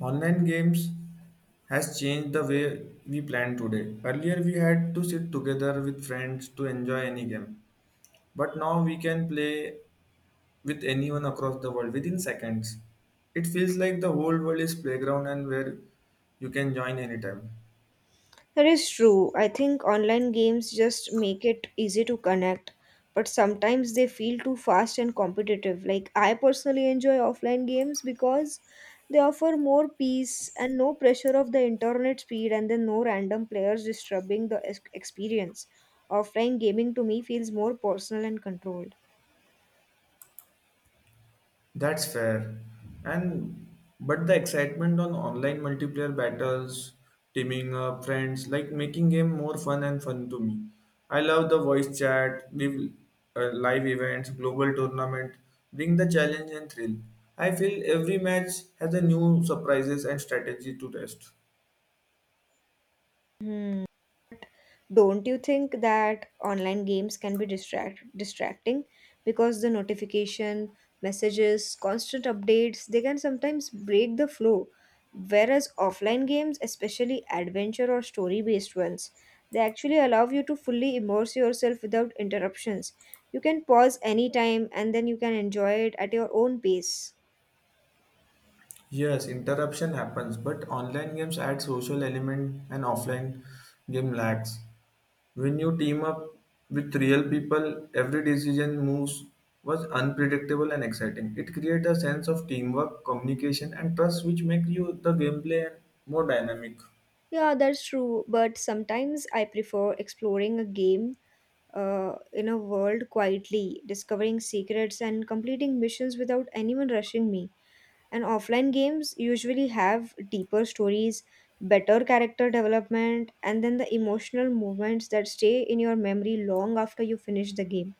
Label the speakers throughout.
Speaker 1: Online games has changed the way we plan today. Earlier, we had to sit together with friends to enjoy any game, but now we can play with anyone across the world within seconds. It feels like the whole world is playground and where you can join anytime.
Speaker 2: That is true. I think online games just make it easy to connect, but sometimes they feel too fast and competitive. Like, I personally enjoy offline games because they offer more peace and no pressure of the internet speed, and then no random players disturbing the experience. Offline gaming to me feels more personal and controlled.
Speaker 1: That's fair. And but the excitement on online multiplayer battles, teaming up, friends, like making game more fun and fun to me. I love the voice chat, live events, global tournament, bring the challenge and thrill. I feel every match has a new surprises and strategy to test.
Speaker 2: Hmm. Don't you think that online games can be distracting because the notification, messages, constant updates, they can sometimes break the flow? Whereas offline games, especially adventure or story-based ones, they actually allow you to fully immerse yourself without interruptions. You can pause anytime and then you can enjoy it at your own pace.
Speaker 1: Yes, interruption happens, but online games add social element and offline game lacks. When you team up with real people, every decision moves was unpredictable and exciting. It created a sense of teamwork, communication, and trust, which make you the gameplay more dynamic.
Speaker 2: Yeah, that's true, but sometimes I prefer exploring a game in a world quietly, discovering secrets and completing missions without anyone rushing me. And offline games usually have deeper stories, better character development, and then the emotional moments that stay in your memory long after you finish the game.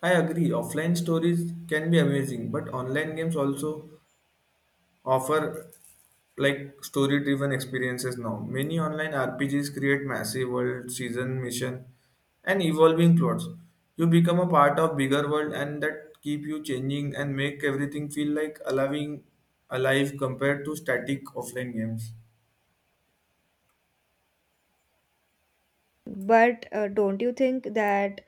Speaker 1: I agree. Offline stories can be amazing, but online games also offer like story driven experiences now. Many online RPGs create massive world, season, mission, and evolving plots. You become a part of bigger world and that keep you changing and make everything feel like allowing alive compared to static offline games.
Speaker 2: But don't you think that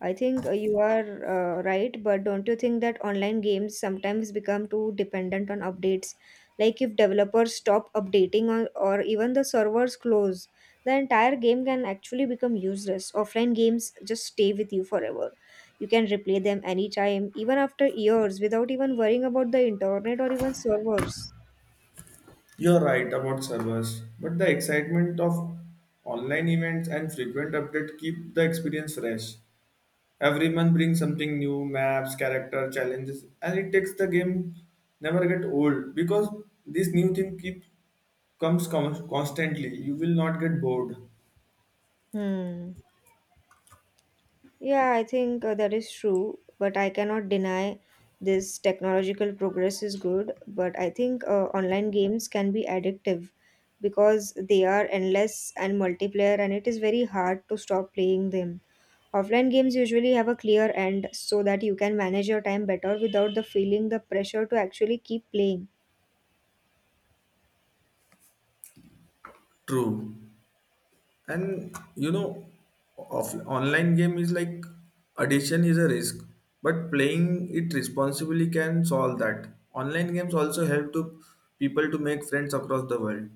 Speaker 2: I think you are right, but don't you think that online games sometimes become too dependent on updates? Like, if developers stop updating or even the servers close, the entire game can actually become useless. Offline games just stay with you forever. You can replay them anytime, even after years, without even worrying about the internet or even servers.
Speaker 1: You are right about servers, but the excitement of online events and frequent updates keep the experience fresh. Every month brings something new, maps, character, challenges, and it takes the game never get old because this new thing keep comes constantly. You will not get bored.
Speaker 2: Hmm. Yeah, I think that is true, but I cannot deny this technological progress is good. But I think online games can be addictive because they are endless and multiplayer, and it is very hard to stop playing them. Offline games usually have a clear end so that you can manage your time better without the feeling the pressure to actually keep playing.
Speaker 1: True. And online game is like addiction is a risk, but playing it responsibly can solve that. Online games also help to people to make friends across the world.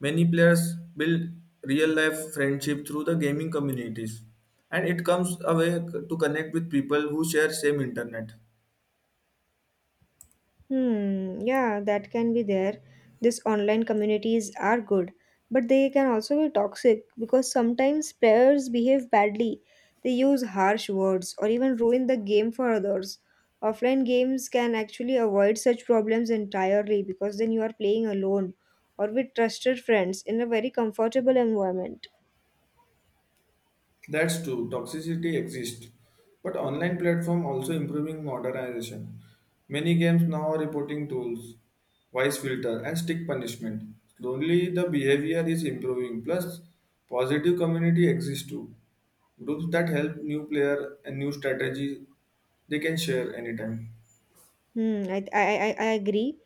Speaker 1: Many players build real life friendship through the gaming communities, and it comes a way to connect with people who share same internet.
Speaker 2: Hmm, yeah, that can be there. These online communities are good, but they can also be toxic because sometimes players behave badly. They use harsh words or even ruin the game for others. Offline games can actually avoid such problems entirely because then you are playing alone or with trusted friends in a very comfortable environment.
Speaker 1: That's true, toxicity exists. But online platform also improving modernization. Many games now are reporting tools, voice filter and stick punishment. Slowly the behavior is improving. Plus positive community exists too. Groups that help new player and new strategy they can share anytime.
Speaker 2: I agree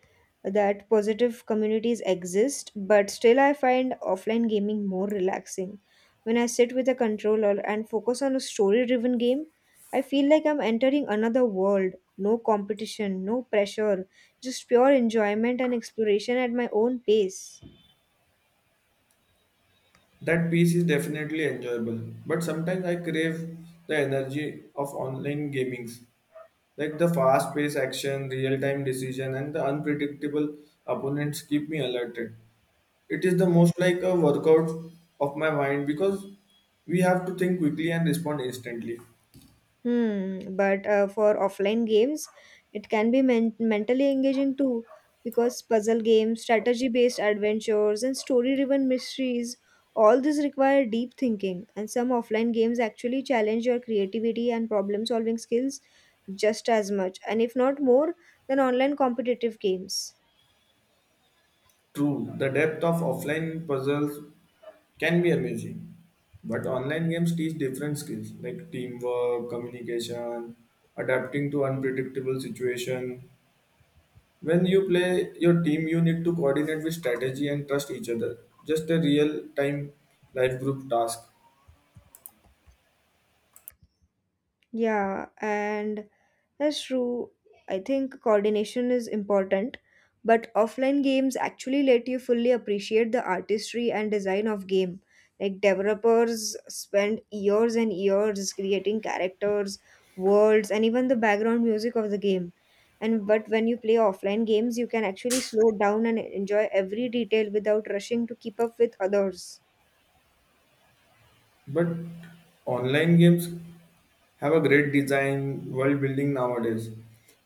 Speaker 2: that positive communities exist, but still I find offline gaming more relaxing. When I sit with a controller and focus on a story-driven game, I feel like I'm entering another world. No competition, no pressure, just pure enjoyment and exploration at my own pace.
Speaker 1: That piece is definitely enjoyable, but sometimes I crave the energy of online gamings, like the fast-paced action, real-time decision, and the unpredictable opponents keep me alerted. It is the most like a workout of my mind because we have to think quickly and respond instantly.
Speaker 2: Hmm, but for offline games, it can be mentally engaging too, because puzzle games, strategy-based adventures, and story-driven mysteries, all these require deep thinking, and some offline games actually challenge your creativity and problem-solving skills just as much, and if not more, than online competitive games.
Speaker 1: True, the depth of offline puzzles can be amazing, but online games teach different skills like teamwork, communication, adapting to unpredictable situation. When you play your team, you need to coordinate with strategy and trust each other. Just a real time life group task.
Speaker 2: Yeah, and that's true. I think coordination is important, but offline games actually let you fully appreciate the artistry and design of game. Like, developers spend years and years creating characters, worlds, and even the background music of the game. And but when you play offline games, you can actually slow down and enjoy every detail without rushing to keep up with others.
Speaker 1: But online games have a great design, world building nowadays.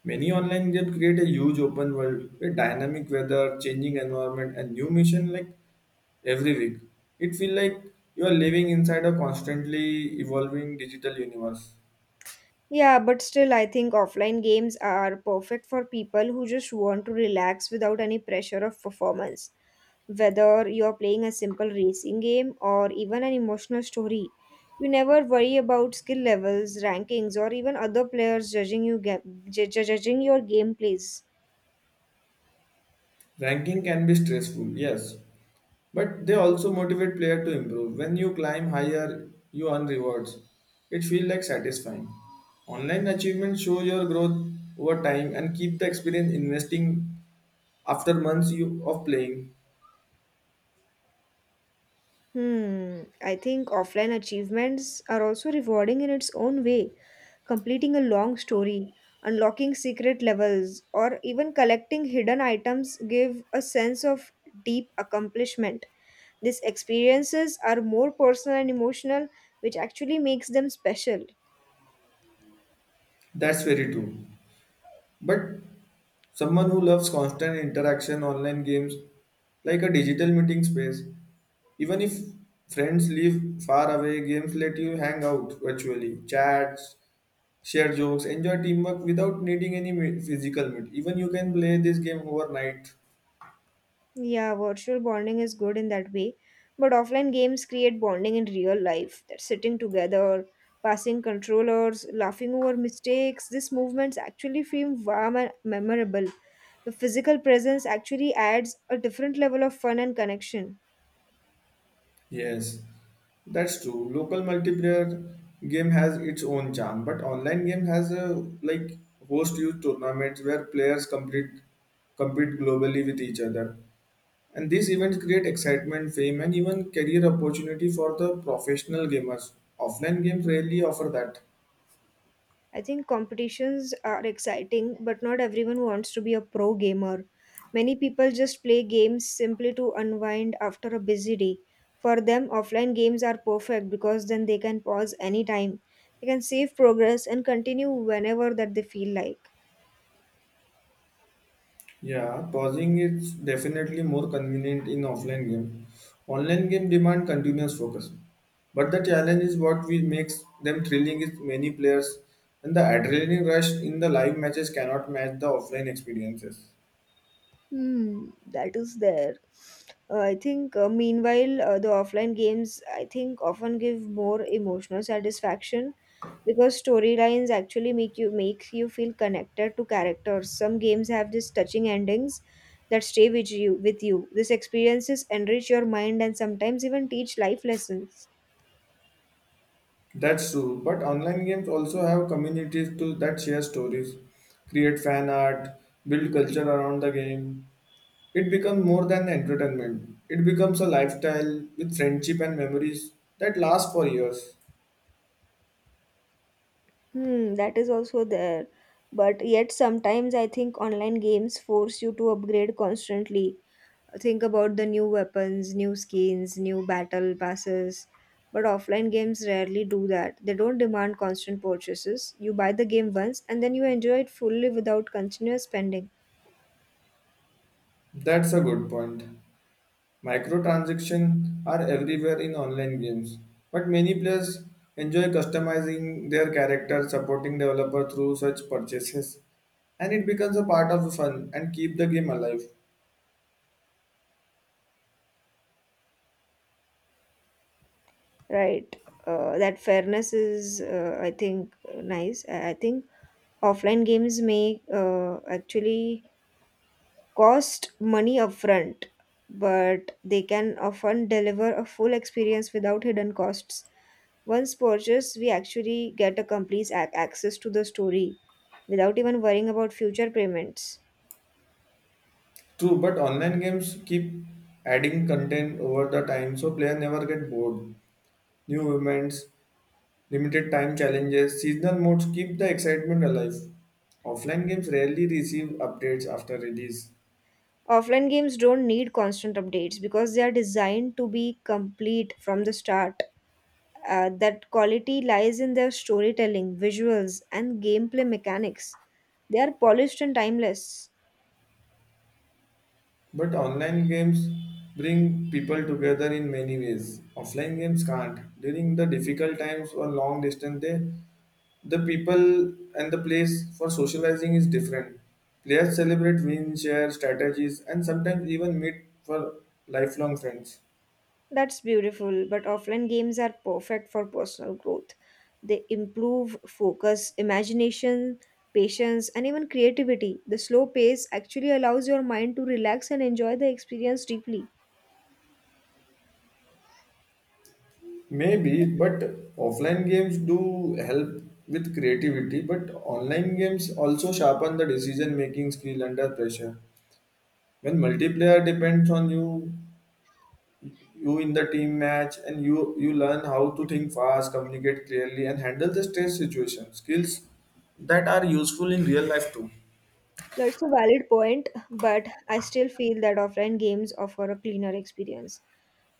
Speaker 1: Many online games create a huge open world, with dynamic weather, changing environment, and new mission like every week. It feels like you are living inside a constantly evolving digital universe.
Speaker 2: Yeah, but still, I think offline games are perfect for people who just want to relax without any pressure of performance. Whether you're playing a simple racing game or even an emotional story, you never worry about skill levels, rankings, or even other players judging you ga- ju- ju- judging your gameplays.
Speaker 1: Ranking can be stressful, yes, but they also motivate player to improve. When you climb higher, you earn rewards. It feels like satisfying. Online achievements show your growth over time and keep the experience investing after months you, of playing.
Speaker 2: Hmm, I think offline achievements are also rewarding in its own way. Completing a long story, unlocking secret levels, or even collecting hidden items give a sense of deep accomplishment. These experiences are more personal and emotional, which actually makes them special.
Speaker 1: That's very true. But someone who loves constant interaction online games like a digital meeting space, even if friends live far away, games let you hang out virtually, chats share jokes, enjoy teamwork without needing any physical meet. Even you can play this game overnight.
Speaker 2: Yeah, virtual bonding is good in that way, but offline games create bonding in real life. They're sitting together, passing controllers, laughing over mistakes. These movements actually feel warm and memorable. The physical presence actually adds a different level of fun and connection.
Speaker 1: Yes, that's true. Local multiplayer game has its own charm, but online game has a like host youth tournaments where players compete globally with each other. And these events create excitement, fame, and even career opportunity for the professional gamers. Offline games rarely offer that.
Speaker 2: I think competitions are exciting, but not everyone wants to be a pro gamer. Many people just play games simply to unwind after a busy day. For them, offline games are perfect because then they can pause anytime. They can save progress and continue whenever that they feel like.
Speaker 1: Yeah, pausing is definitely more convenient in offline game. Online game demand continuous focus. But the challenge is what we makes them thrilling is many players and the adrenaline rush in the live matches cannot match the offline experiences.
Speaker 2: Hmm, that is there. I think, meanwhile, the offline games, I think, often give more emotional satisfaction because storylines actually makes you feel connected to characters. Some games have these touching endings that stay with you with you. These experiences enrich your mind and sometimes even teach life lessons.
Speaker 1: That's true, but online games also have communities to that share stories, create fan art, build culture around the game. It becomes more than entertainment. It becomes a lifestyle with friendship and memories that last for years.
Speaker 2: Hmm, that is also there. But yet, sometimes I think online games force you to upgrade constantly. Think about the new weapons, new skins, new battle passes. But offline games rarely do that. They don't demand constant purchases. You buy the game once and then you enjoy it fully without continuous spending.
Speaker 1: That's a good point. Microtransactions are everywhere in online games, but many players enjoy customizing their character, supporting developer through such purchases, and it becomes a part of the fun and keep the game alive.
Speaker 2: Right. That fairness is, I think, nice. I think offline games may actually cost money upfront, but they can often deliver a full experience without hidden costs. Once purchased, we actually get a complete access to the story without even worrying about future payments.
Speaker 1: True, but online games keep adding content over the time, so player never get bored. New events, limited time challenges, seasonal modes keep the excitement alive. Offline games rarely receive updates after release.
Speaker 2: Offline games don't need constant updates because they are designed to be complete from the start. That quality lies in their storytelling, visuals, and gameplay mechanics. They are polished and timeless.
Speaker 1: But online games bring people together in many ways. Offline games can't. During the difficult times or long distance, they, the people and the place for socializing is different. Players celebrate wins, share strategies, and sometimes even meet for lifelong friends.
Speaker 2: That's beautiful, but offline games are perfect for personal growth. They improve focus, imagination, patience, and even creativity. The slow pace actually allows your mind to relax and enjoy the experience deeply.
Speaker 1: Maybe, but offline games do help with creativity, but online games also sharpen the decision making skill under pressure. When multiplayer depends on you, you in the team match and you learn how to think fast communicate clearly and handle the stress situation skills that are useful in real life too.
Speaker 2: That's a valid point, but I still feel that offline games offer a cleaner experience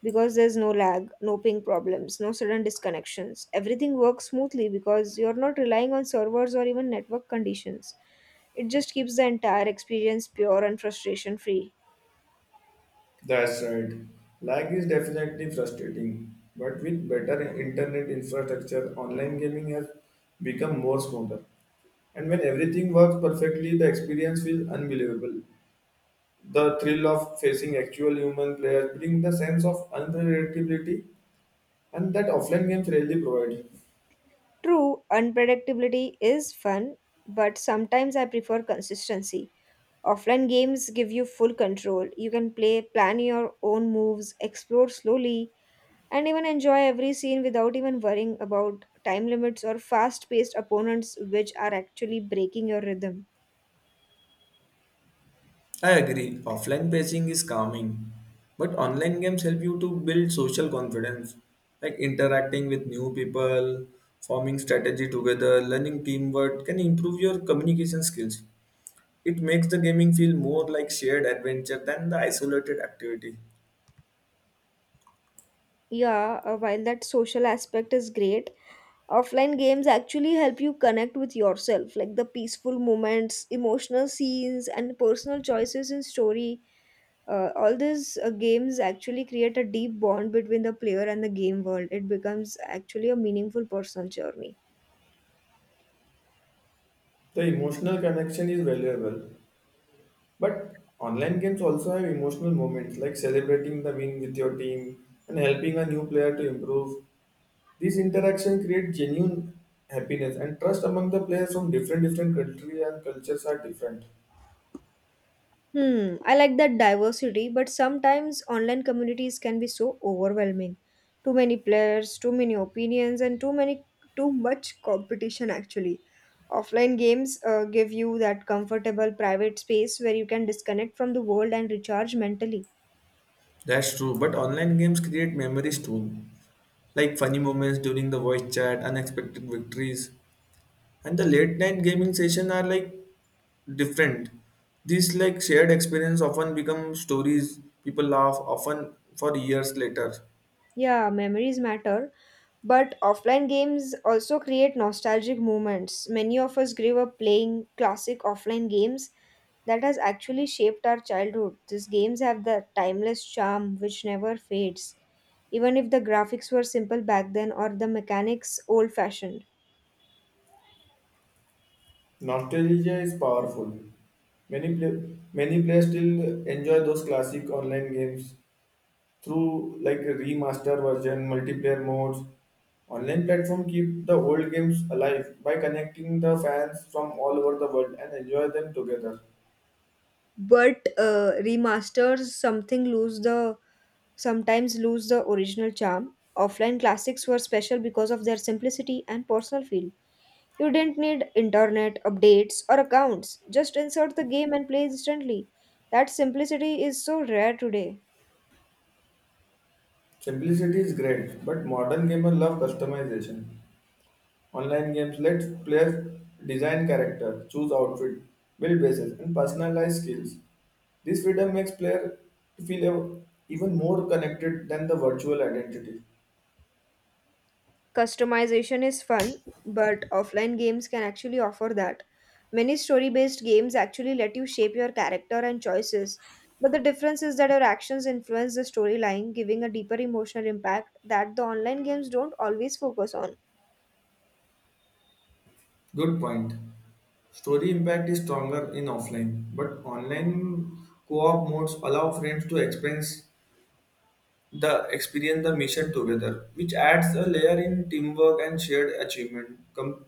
Speaker 2: because there's no lag, no ping problems, no sudden disconnections. Everything works smoothly because you're not relying on servers or even network conditions. It just keeps the entire experience pure and frustration free.
Speaker 1: That's right. Lag is definitely frustrating, but with better internet infrastructure, online gaming has become more smoother. And when everything works perfectly, the experience feels unbelievable. The thrill of facing actual human players brings the sense of unpredictability and that offline games rarely provide.
Speaker 2: True, unpredictability is fun, but sometimes I prefer consistency. Offline games give you full control. You can play, plan your own moves, explore slowly, and even enjoy every scene without even worrying about time limits or fast paced opponents, which are actually breaking your rhythm.
Speaker 1: I agree, offline pacing is calming, but online games help you to build social confidence, like interacting with new people, forming strategy together, learning teamwork can improve your communication skills. It makes the gaming feel more like shared adventure than the isolated activity.
Speaker 2: Yeah, while that social aspect is great, offline games actually help you connect with yourself, like the peaceful moments, emotional scenes, and personal choices in story, all these games actually create a deep bond between the player and the game world. It becomes actually a meaningful personal journey.
Speaker 1: The emotional connection is valuable, but online games also have emotional moments like celebrating the win with your team and helping a new player to improve. These interactions create genuine happiness and trust among the players from different countries and cultures are different.
Speaker 2: Hmm, I like that diversity, but sometimes online communities can be so overwhelming. Too many players, too many opinions, and too much competition actually. Offline games give you that comfortable private space where you can disconnect from the world and recharge mentally.
Speaker 1: That's true, but online games create memories too, like funny moments during the voice chat, unexpected victories, and the late night gaming session are like different. These like shared experience often become stories people laugh often for years later.
Speaker 2: Yeah, memories matter, but offline games also create nostalgic moments. Many of us grew up playing classic offline games that has actually shaped our childhood. These games have the timeless charm which never fades, even if the graphics were simple back then or the mechanics old fashioned.
Speaker 1: Nostalgia is powerful. Many players still enjoy those classic online games through like a remaster version, multiplayer modes. Online platform keep the old games alive by connecting the fans from all over the world and enjoy them together.
Speaker 2: But remasters something lose the sometimes lose the original charm. Offline classics were special because of their simplicity and personal feel. You didn't need internet, updates, or accounts. Just insert the game and play instantly. That simplicity is so rare today.
Speaker 1: Simplicity is great, but modern gamers love customization. Online games let players design character, choose outfit, build bases, and personalize skills. This freedom makes player feel even more connected than the virtual identity.
Speaker 2: Customization is fun, but offline games can actually offer that. Many story based games actually let you shape your character and choices, but the difference is that your actions influence the storyline, giving a deeper emotional impact that the online games don't always focus on.
Speaker 1: Good point. Story impact is stronger in offline, but online co-op modes allow friends to experience the mission together, which adds a layer in teamwork and shared achievement. Com-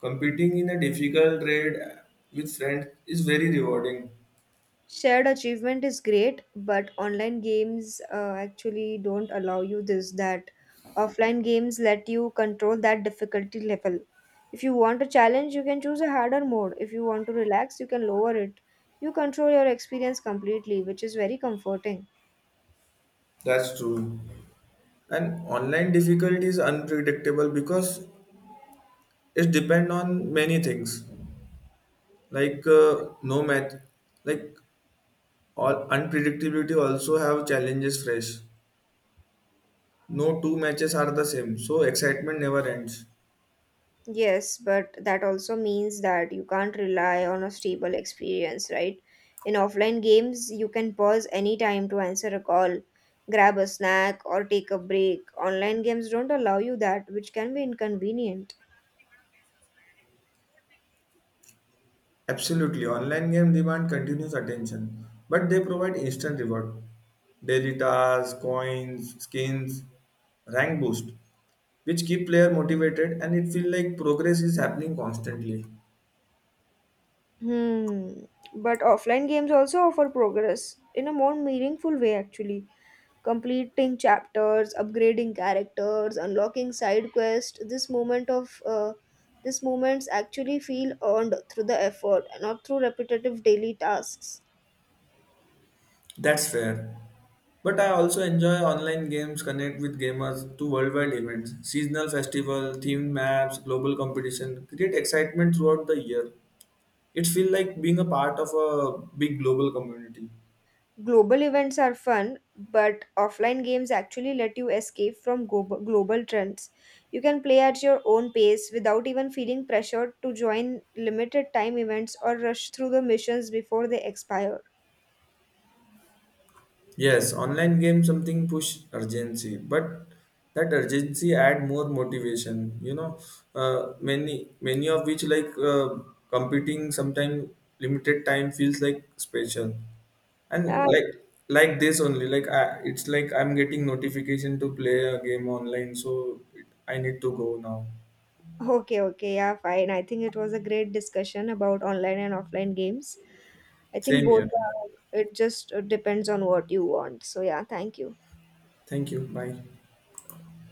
Speaker 1: competing in a difficult raid with friends is very rewarding.
Speaker 2: Shared achievement is great, but online games actually don't allow you this. That offline games let you control that difficulty level. If you want a challenge, you can choose a harder mode. If you want to relax, you can lower it. You control your experience completely, which is very comforting.
Speaker 1: That's true. And online difficulty is unpredictable because it depends on many things like no math, like all unpredictability also have challenges fresh. No two matches are the same, so excitement never ends.
Speaker 2: Yes, but that also means that you can't rely on a stable experience, right? In offline games, you can pause any time to answer a call, grab a snack, or take a break. Online games don't allow you that, which can be inconvenient.
Speaker 1: Absolutely, online game demand continuous attention, but they provide instant reward. Daily tasks, coins, skins, rank boost, which keep player motivated and it feels like progress is happening constantly.
Speaker 2: Hmm. But offline games also offer progress in a more meaningful way, actually. Completing chapters, upgrading characters, unlocking side quests. This moment of These moments actually feel earned through the effort, not through repetitive daily tasks.
Speaker 1: That's fair. But I also enjoy online games, connect with gamers to worldwide events, seasonal festival, themed maps, global competition, create excitement throughout the year. It feels like being a part of a big global community.
Speaker 2: Global events are fun, but offline games actually let you escape from global trends. You can play at your own pace without even feeling pressured to join limited time events or rush through the missions before they expire.
Speaker 1: Yes, online game something push urgency, but that urgency add more motivation. You know, many of which like competing sometime limited time feels like special,
Speaker 2: Yeah.
Speaker 1: and like this only like it's like I'm getting notification to play a game online, so I need to go now.
Speaker 2: Okay, okay, yeah, fine. I think it was a great discussion about online and offline games. I think
Speaker 1: Same
Speaker 2: both
Speaker 1: here.
Speaker 2: are, it just depends on what you want. So, yeah, thank you.
Speaker 1: Thank you. Bye.